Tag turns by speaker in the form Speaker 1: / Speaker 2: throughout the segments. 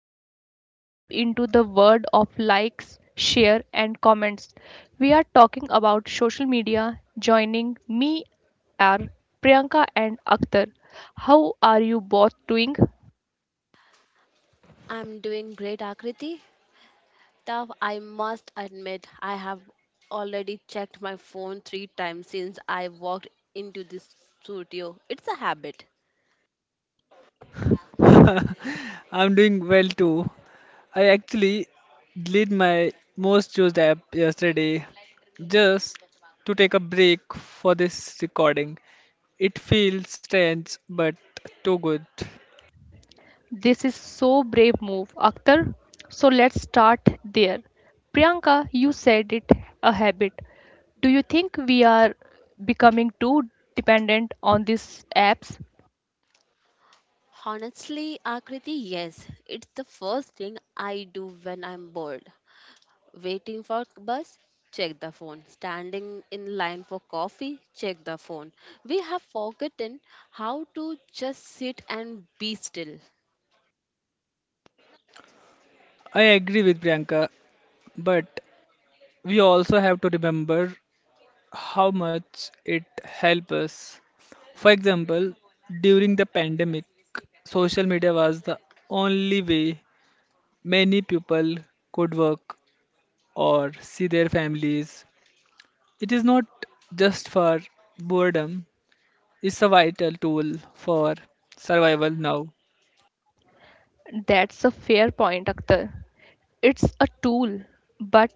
Speaker 1: we are diving deep into the world of likes, share and comments. We are talking about social media. Joining me are Priyanka and Akhtar. How are you both doing?
Speaker 2: I'm doing great, Akriti. Though I must admit, I have already checked my phone three times since I walked into this studio. It's a habit.
Speaker 3: I'm doing well too. I actually deleted my most used app yesterday just to take a break for this recording. It feels strange but too good.
Speaker 1: This is so brave move, Akhtar. So let's start there. Priyanka, you said it a habit. Do you think we are becoming too dependent on these apps?
Speaker 2: Honestly, Akriti, yes, it's the first thing I do when I'm bored. Waiting for bus, check the phone. Standing in line for coffee, check the phone. We have forgotten how to just sit and be still.
Speaker 3: I agree with Priyanka, but we also have to remember how much it helps us. For example, during the pandemic, social media was the only way many people could work or see their families. It is not just for boredom, it's a vital tool for survival now.
Speaker 1: That's a fair point, Akhtar. It's a tool, but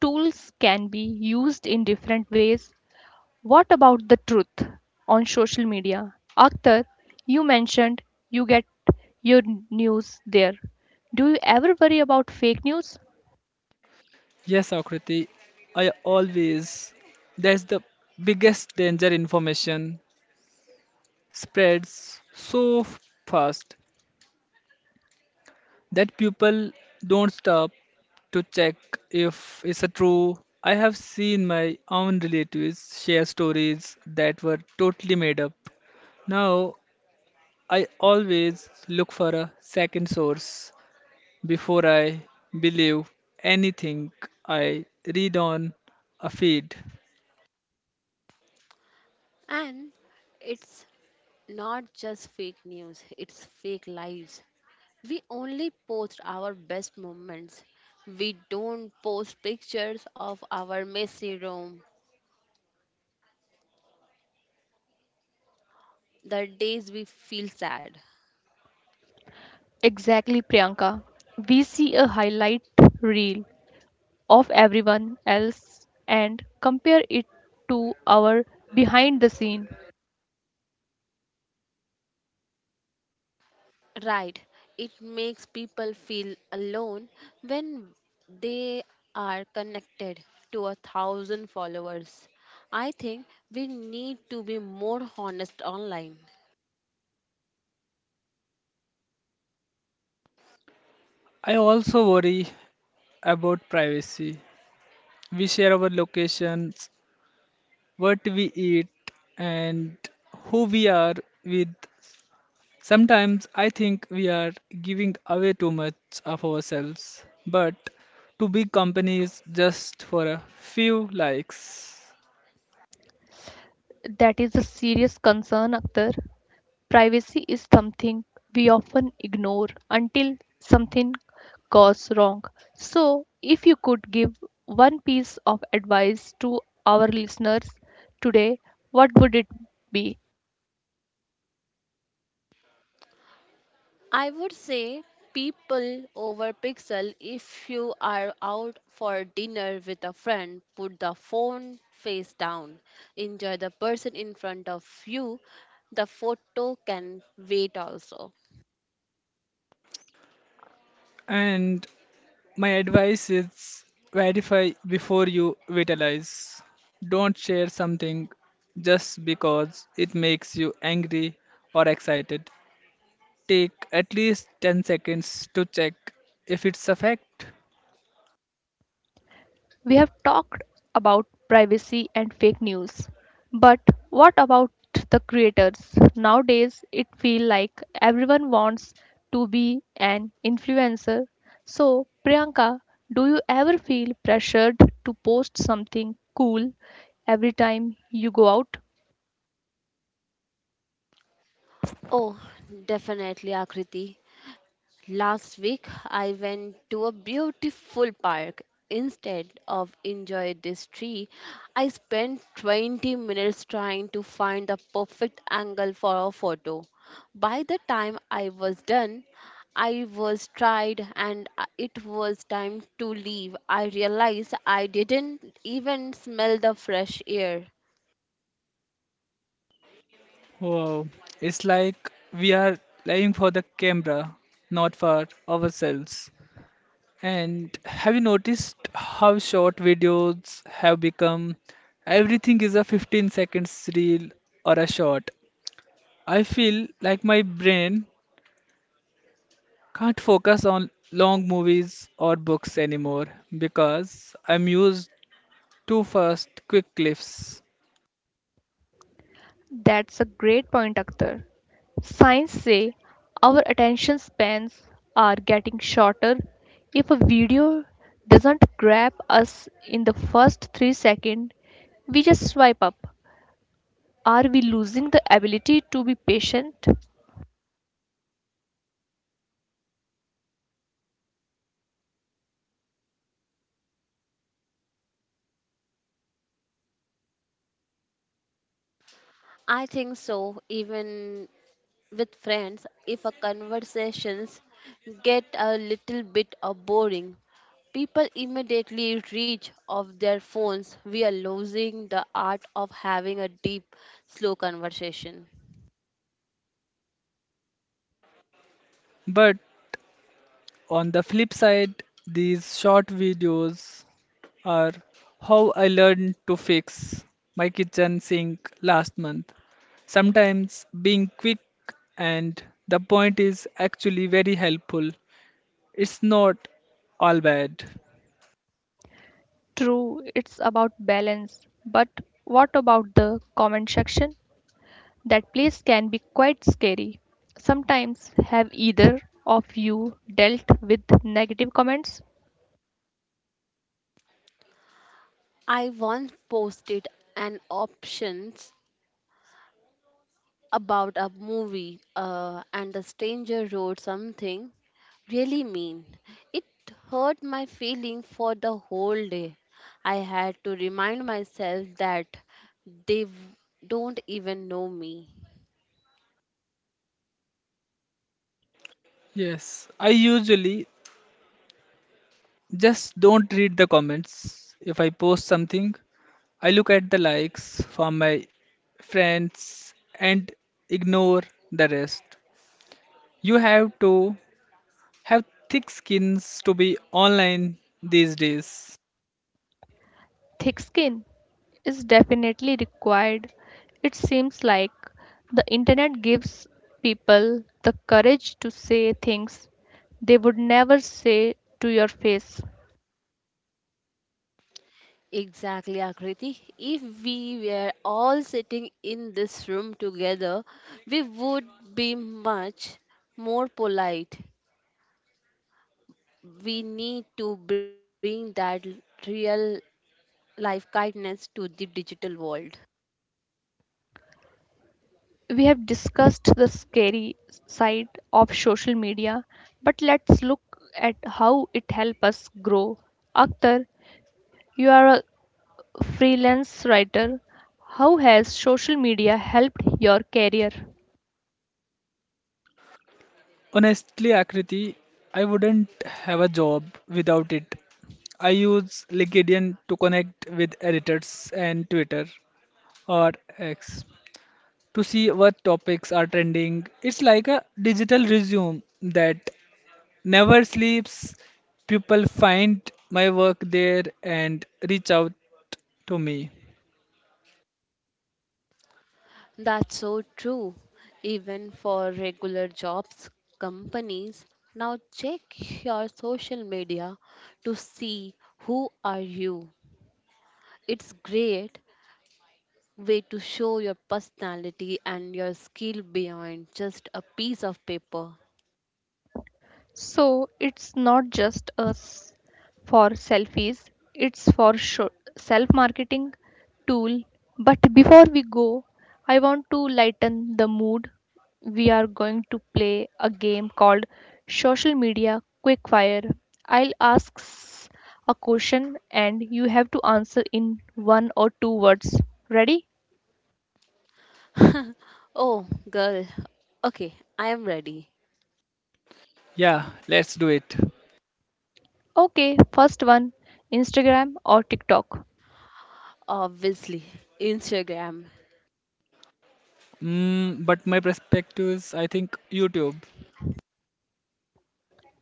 Speaker 1: tools can be used in different ways. What about the truth on social media? Akhtar, you mentioned you get your news there. Do you ever worry about fake news?
Speaker 3: Yes, Akriti, I always. That's the biggest danger. Information spreads so fast that people don't stop to check if it's a true. I have seen my own relatives share stories that were totally made up. Now I always look for a second source before I believe anything I read on a feed.
Speaker 2: And it's not just fake news, it's fake lives. We only post our best moments. We don't post pictures of our messy room, the days we feel sad.
Speaker 1: Exactly, Priyanka. We see a highlight reel of everyone else and compare it to our behind the scene.
Speaker 2: Right, it makes people feel alone when they are connected to a thousand followers. I think we need to be more honest online.
Speaker 3: I also worry about privacy. We share our locations, what we eat, and who we are with. Sometimes I think we are giving away too much of ourselves, but to big companies just for a few likes.
Speaker 1: That is a serious concern, Akhtar. Privacy is something we often ignore until something goes wrong. So, if you could give one piece of advice to our listeners today, what would it be?
Speaker 2: I would say people over pixel, if you are out for dinner with a friend, put the phone face down. Enjoy the person in front of you. The photo can wait also.
Speaker 3: And my advice is verify before you vitalize. Don't share something just because it makes you angry or excited. Take at least 10 seconds to check if it's a fact.
Speaker 1: We have talked about privacy and fake news, but what about the creators? Nowadays, it feels like everyone wants to be an influencer. So, Priyanka, do you ever feel pressured to post something cool every time you go out?
Speaker 2: Oh, definitely, Akriti. Last week, I went to a beautiful park. Instead of enjoy this tree, I spent 20 minutes trying to find the perfect angle for a photo. By the time I was done, I was tired and it was time to leave. I realized I didn't even smell the fresh air.
Speaker 3: Wow, it's like we are lying for the camera, not for ourselves. And have you noticed how short videos have become? Everything is a 15 seconds reel or a short. I feel like my brain can't focus on long movies or books anymore because I'm used to fast, quick clips.
Speaker 1: That's a great point, Akhtar. Science say our attention spans are getting shorter. If a video doesn't grab us in the first 3 seconds, we just swipe up. Are we losing the ability to be patient?
Speaker 2: I think so. Even with friends, if a conversations get a little bit of boring, people immediately reach of their phones. We are losing the art of having a deep slow conversation.
Speaker 3: But on the flip side, these short videos are how I learned to fix my kitchen sink last month. Sometimes being quick and the point is actually very helpful. It's not all bad.
Speaker 1: True, it's about balance, but what about the comment section? That place can be quite scary. Sometimes have either of you dealt with negative comments?
Speaker 2: I once posted an options about a movie and the stranger wrote something really mean. It hurt my feeling for the whole day. I had to remind myself that they don't even know me.
Speaker 3: Yes, I usually just don't read the comments. If I post something, I look at the likes from my friends and ignore the rest. You have to have thick skins to be online these days.
Speaker 1: Thick skin is definitely required. It seems like the internet gives people the courage to say things they would never say to your face.
Speaker 2: Exactly, Akriti. If we were all sitting in this room together, we would be much more polite. We need to bring that real life kindness to the digital world.
Speaker 1: We have discussed the scary side of social media, but let's look at how it helps us grow. Akhtar, you are a freelance writer. How has social media helped your career?
Speaker 3: Honestly, Akriti, I wouldn't have a job without it. I use LinkedIn to connect with editors and Twitter or X to see what topics are trending. It's like a digital resume that never sleeps. People find my work there and reach out to me.
Speaker 2: That's so true. Even for regular jobs, companies now check your social media to see who are you. It's great way to show your personality and your skill beyond just a piece of paper.
Speaker 1: So it's not just us for selfies, it's for self marketing tool. But before we go, I want to lighten the mood. We are going to play a game called Social Media Quickfire. I'll ask a question and you have to answer in one or two words. Ready?
Speaker 2: Oh, girl. Okay, I am ready.
Speaker 3: Yeah, let's do it.
Speaker 1: Okay, first one, Instagram or TikTok?
Speaker 2: Obviously, Instagram.
Speaker 3: Mm, but my perspectives, I think YouTube.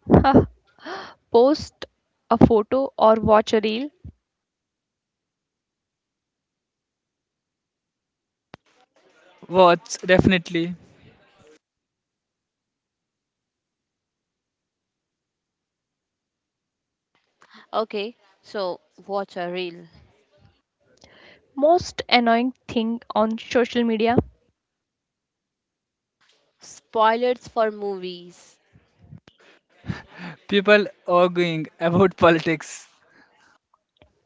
Speaker 1: Huh, post a photo or watch a reel?
Speaker 3: Watch, definitely.
Speaker 2: Okay, so watch a reel.
Speaker 1: Most annoying thing on social media?
Speaker 2: Spoilers for movies.
Speaker 3: People arguing about politics.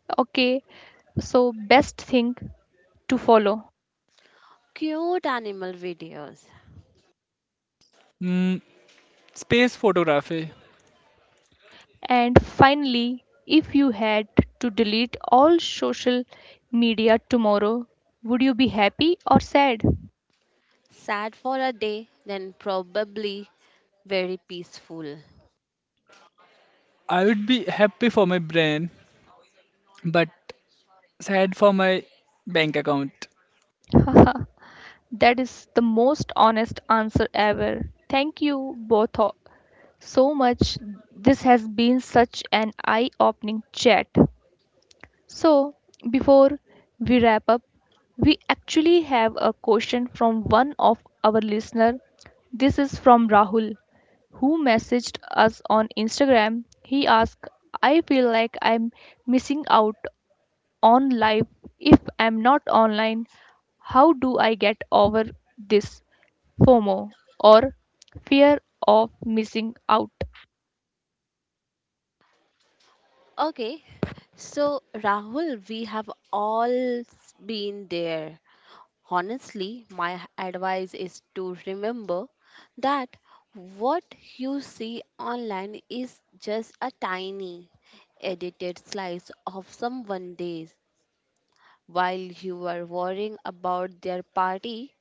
Speaker 1: Okay, so best thing to follow?
Speaker 2: Cute animal videos.
Speaker 3: Mm, space photography.
Speaker 1: And finally, if you had to delete all social media tomorrow, would you be happy or sad?
Speaker 2: Sad for a day, then probably very peaceful.
Speaker 3: I would be happy for my brain, but sad for my bank account.
Speaker 1: That is the most honest answer ever. Thank you both so much. This has been such an eye opening chat. So, before we wrap up, we actually have a question from one of our listener. This is from Rahul, who messaged us on Instagram. He asked, "I feel like I'm missing out on life if I'm not online. How do I get over this FOMO or fear of missing out?"
Speaker 2: Okay, so Rahul, we have all been there. Honestly, my advice is to remember that what you see online is just a tiny edited slice of someone's days while you are worrying about their party.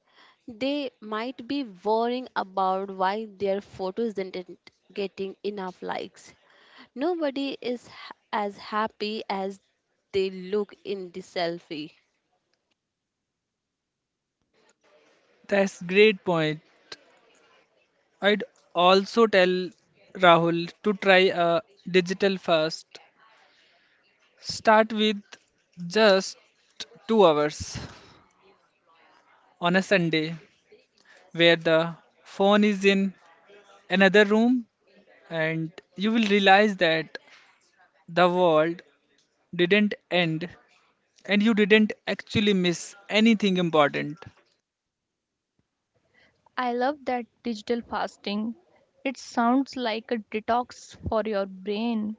Speaker 2: They might be worrying about why their photos didn't getting enough likes. Nobody is as happy as they look in the selfie.
Speaker 3: That's great point. I'd also tell Rahul to try a digital first. Start with just 2 hours on a Sunday where the phone is in another room, and you will realize that the world didn't end and you didn't actually miss anything important.
Speaker 1: I love that digital fasting. It sounds like a detox for your brain.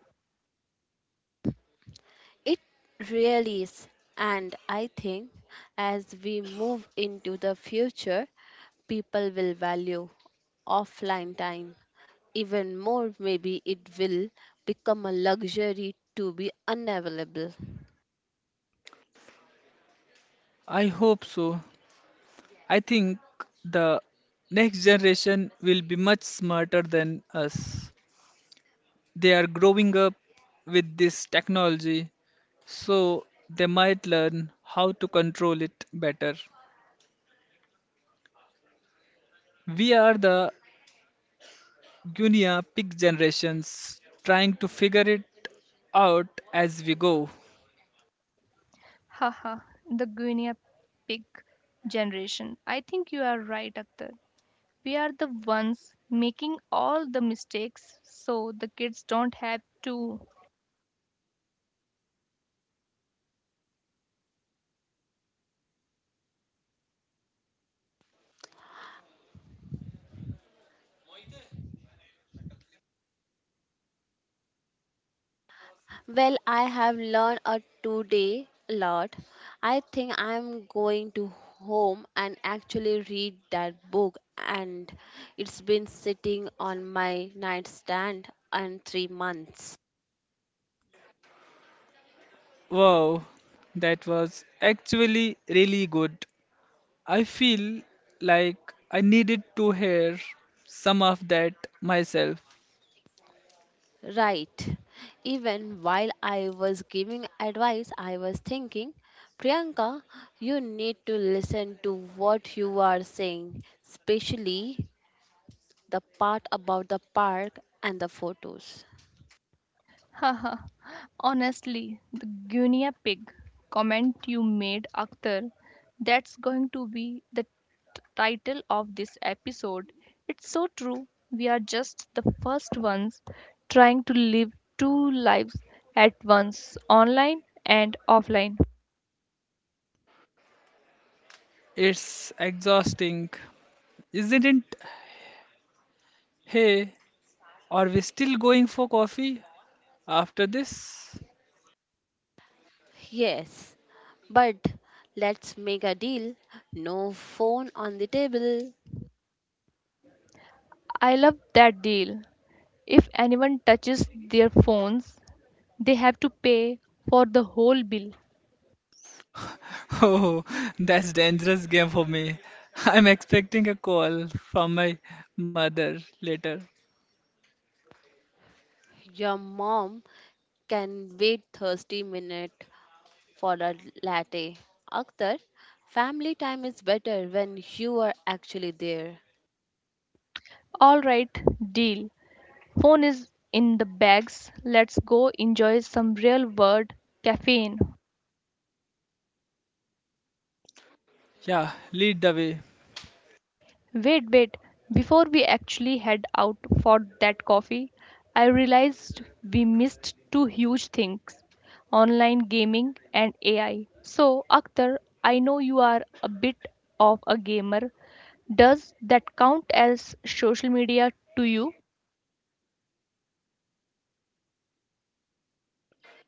Speaker 2: It really is. And I think as we move into the future, people will value offline time even more. Maybe it will become a luxury to be unavailable.
Speaker 3: I hope so. I think the next generation will be much smarter than us. They are growing up with this technology, so they might learn how to control it better. We are the Guinea pig generations trying to figure it out as we go.
Speaker 1: Haha, the guinea pig generation. I think you are right, Akhtar. We are the ones making all the mistakes so the kids don't have to.
Speaker 2: Well, I have learned a today a lot. I think I'm going to home and actually read that book, and it's been sitting on my nightstand and 3 months.
Speaker 3: Wow, that was actually really good. I feel like I needed to hear some of that myself.
Speaker 2: Right. Even while I was giving advice, I was thinking, Priyanka, you need to listen to what you are saying, especially the part about the park and the photos.
Speaker 1: Haha, honestly, the guinea pig comment you made, Akhtar, that's going to be the title of this episode. It's so true. We are just the first ones trying to live two lives at once, online and offline.
Speaker 3: It's exhausting, isn't it? Hey, are we still going for coffee? After this?
Speaker 2: Yes, but let's make a deal, no phone on the table.
Speaker 1: I love that deal. If anyone touches their phones, they have to pay for the whole bill.
Speaker 3: Oh, that's dangerous game for me. I'm expecting a call from my mother later.
Speaker 2: Your mom can wait 30 minutes for a latte. Akhtar, family time is better when you are actually there.
Speaker 1: All right, deal. Phone is in the bags. Let's go enjoy some real world caffeine.
Speaker 3: Yeah, lead the way.
Speaker 1: Wait, wait. Before we actually head out for that coffee, I realized we missed two huge things, online gaming and AI. So, Akhtar, I know you are a bit of a gamer. Does that count as social media to you?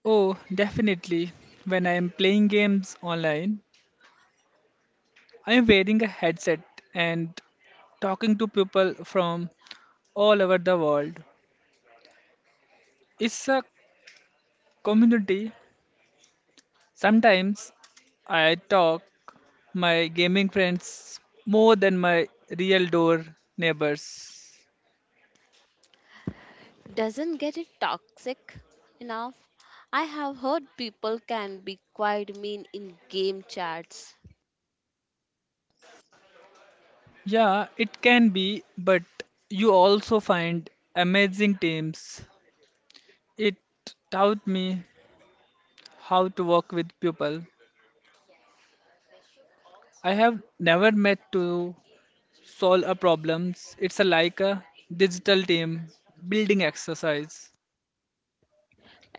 Speaker 3: Oh, definitely. When I am playing games online, I am wearing a headset and talking to people from all over the world. It's a community. Sometimes I talk my gaming friends more than my real door neighbors.
Speaker 2: Doesn't get it toxic enough? I have heard people can be quite mean in game chats.
Speaker 3: Yeah, it can be, but you also find amazing teams. It taught me how to work with people I have never met to solve a problems. It's a like a digital team building exercise.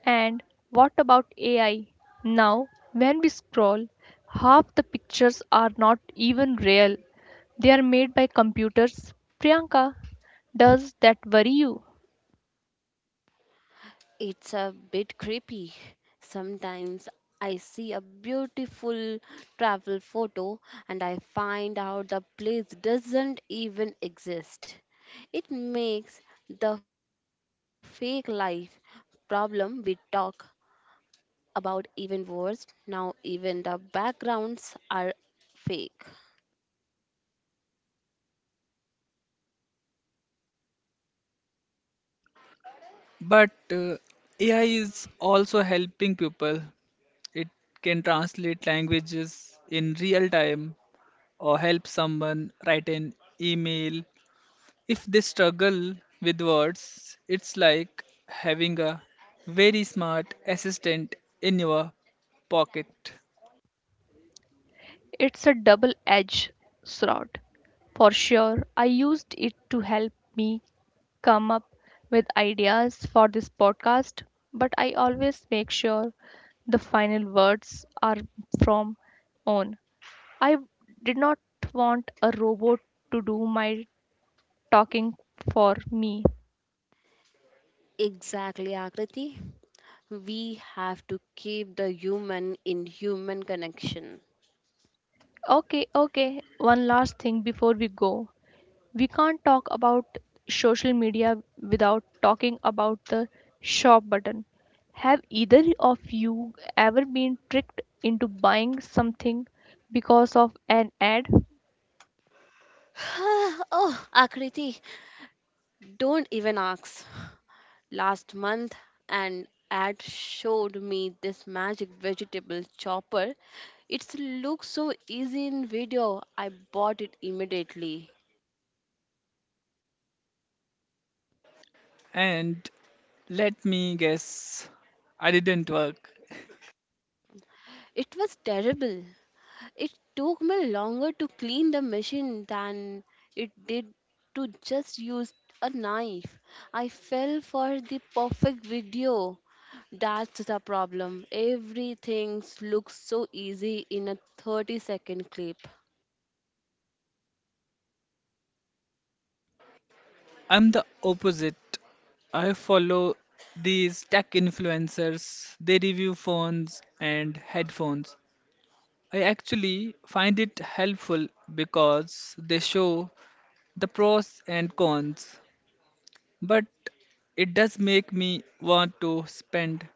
Speaker 1: And what about AI? Now, when we scroll, half the pictures are not even real. They are made by computers. Priyanka, does that worry you?
Speaker 2: It's a bit creepy. Sometimes I see a beautiful travel photo and I find out the place doesn't even exist. It makes the fake life problem we talk about even worse. Now, even the backgrounds are fake.
Speaker 3: But AI is also helping people. It can translate languages in real time or help someone write an email. If they struggle with words, it's like having a very smart assistant in your pocket.
Speaker 1: It's a double edged sword. For sure, I used it to help me come up with ideas for this podcast, but I always make sure the final words are from own. I did not want a robot to do my talking for me.
Speaker 2: Exactly, Akriti. We have to keep the human in human connection.
Speaker 1: Okay, okay, one last thing before we go. We can't talk about social media without talking about the shop button. Have either of you ever been tricked into buying something because of an ad?
Speaker 2: Oh, Akriti, don't even ask. Last month, an ad showed me this magic vegetable chopper. It looks so easy in video. I bought it immediately.
Speaker 3: And let me guess, I didn't work.
Speaker 2: It was terrible. It took me longer to clean the machine than it did to just use a knife. I fell for the perfect video. That's the problem. Everything looks so easy in a 30-second clip.
Speaker 3: I'm the opposite. I follow these tech influencers, they review phones and headphones. I actually find it helpful because they show the pros and cons. But it does make me want to spend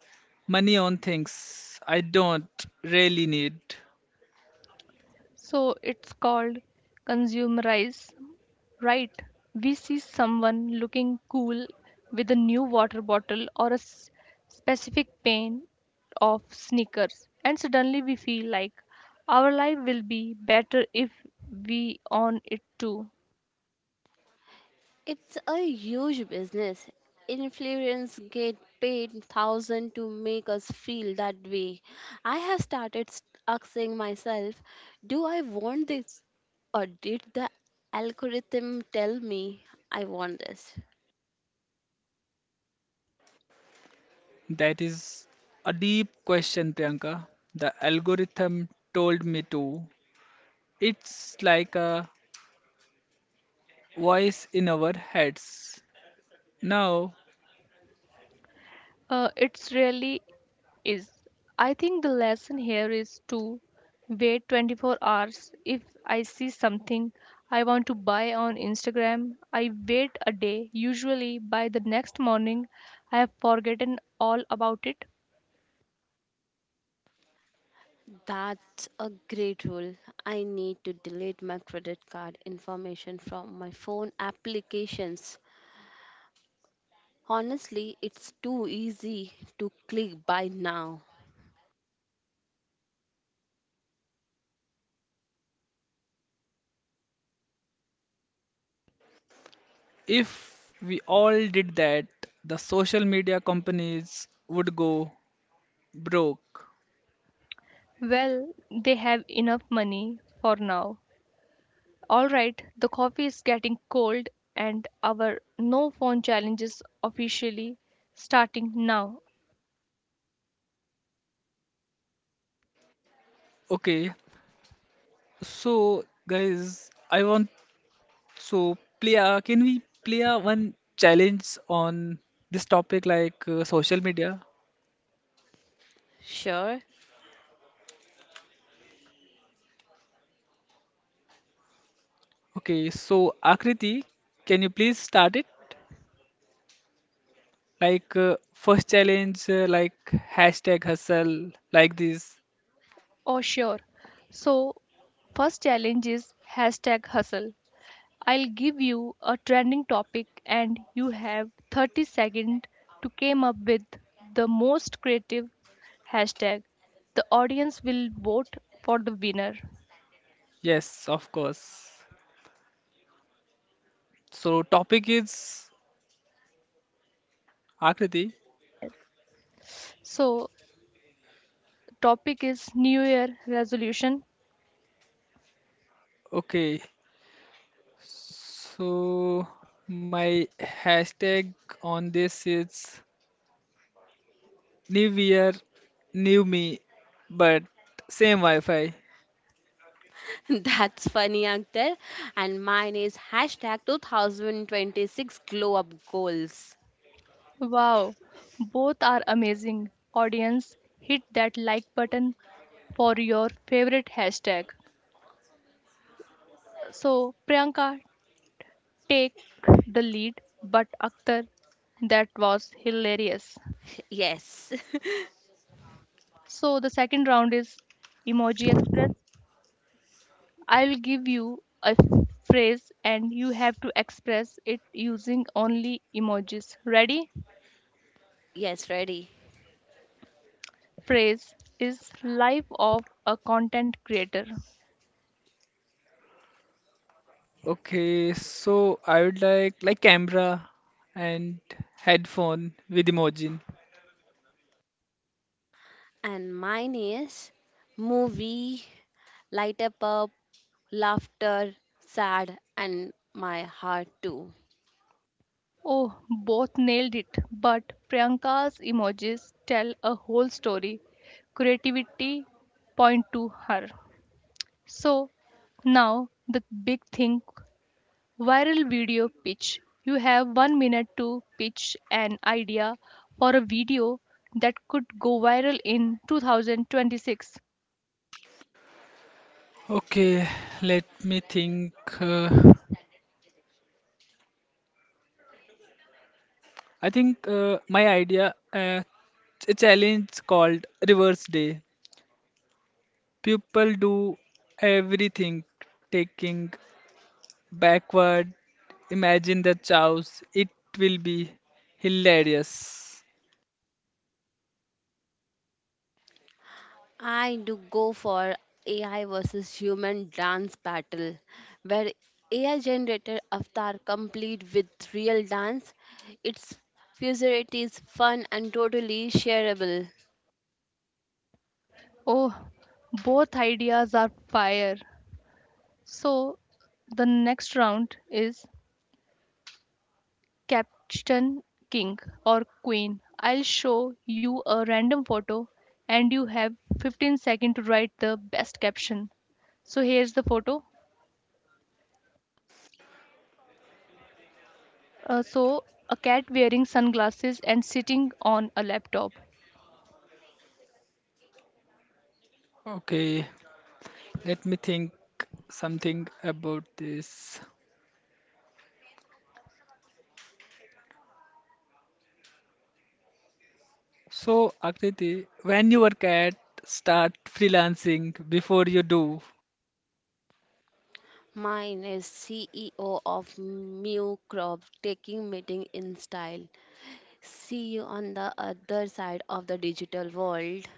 Speaker 3: money on things I don't really need.
Speaker 1: So it's called consumerize. Right, we see someone looking cool with a new water bottle or a specific pair of sneakers, and suddenly we feel like our life will be better if we own it too.
Speaker 2: It's a huge business. Influencers get paid thousand to make us feel that way. I have started asking myself, do I want this or did the algorithm tell me I want this?
Speaker 3: That is a deep question, Priyanka. The algorithm told me to. It's like a voice in our heads. Now,
Speaker 1: It's really is. I think the lesson here is to wait 24 hours. If I see something I want to buy on Instagram, I wait a day. Usually by the next morning, I have forgotten all about it.
Speaker 2: That's a great rule. I need to delete my credit card information from my phone applications. Honestly, it's too easy to click buy now.
Speaker 3: if we all did that, the social media companies would go broke.
Speaker 1: Well, they have enough money for now. All right, the coffee is getting cold and our no phone challenge is officially starting now.
Speaker 3: Okay, so guys, I want. So, Priya, can we play a one challenge on this topic like social media?
Speaker 2: Sure.
Speaker 3: Okay, so Akriti, can you please start it? Like first challenge, like hashtag hustle, like this.
Speaker 1: Oh, sure. So, first challenge is hashtag hustle. I'll give you a trending topic and you have 30 seconds to come up with the most creative hashtag. The audience will vote for the winner.
Speaker 3: Yes, of course. So topic is Akriti.
Speaker 1: So, topic is New Year resolution.
Speaker 3: Okay, so my hashtag on this is new year, new me, but same Wi-Fi.
Speaker 2: That's funny, Akhtar. And mine is hashtag 2026 glow up goals.
Speaker 1: Wow, both are amazing. Audience, hit that like button for your favorite hashtag. So, Priyanka, take the lead, but Akhtar, that was hilarious.
Speaker 2: Yes.
Speaker 1: So the second round is Emoji Express. I'll give you a phrase and you have to express it using only emojis. Ready?
Speaker 2: Yes, ready.
Speaker 1: Phrase is life of a content creator.
Speaker 3: Okay, so I would like camera and headphone with emoji.
Speaker 2: And mine is movie, light up, laughter, sad, and my heart too.
Speaker 1: Oh, both nailed it, but Priyanka's emojis tell a whole story. Creativity point to her. So now the big thing, Viral video pitch. You have 1 minute to pitch an idea for a video that could go viral in 2026.
Speaker 3: Okay, let me think. Uh, I think my idea a challenge called Reverse Day. People do everything, taking backward. Imagine the chows. It will be hilarious.
Speaker 2: I do go for AI versus human dance battle, where AI generated avatar complete with real dance. Its futurity is fun and totally shareable.
Speaker 1: Oh, both ideas are fire. So the next round is Captain King or Queen. I'll show you a random photo and you have 15 seconds to write the best caption. So here's the photo. So a cat wearing sunglasses and sitting on a laptop.
Speaker 3: Okay, let me think something about this. So, Akriti, when you work at start freelancing before you do.
Speaker 2: Mine is CEO of Mew Corp taking meeting in style. See you on the other side of the digital world.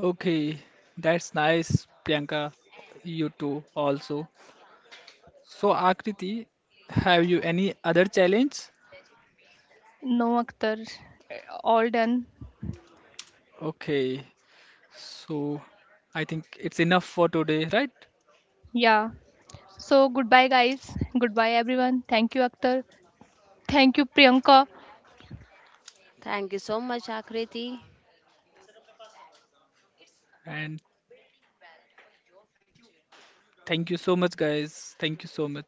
Speaker 3: Okay, that's nice, Priyanka. You too, also. So, Akriti, have you any other challenge?
Speaker 1: No, Akhtar. All done.
Speaker 3: Okay, so I think it's enough for today, right?
Speaker 1: Yeah. So goodbye, guys. Goodbye, everyone. Thank you, Akhtar. Thank you, Priyanka.
Speaker 2: Thank you so much, Akriti.
Speaker 3: And thank you so much, guys. Thank you so much.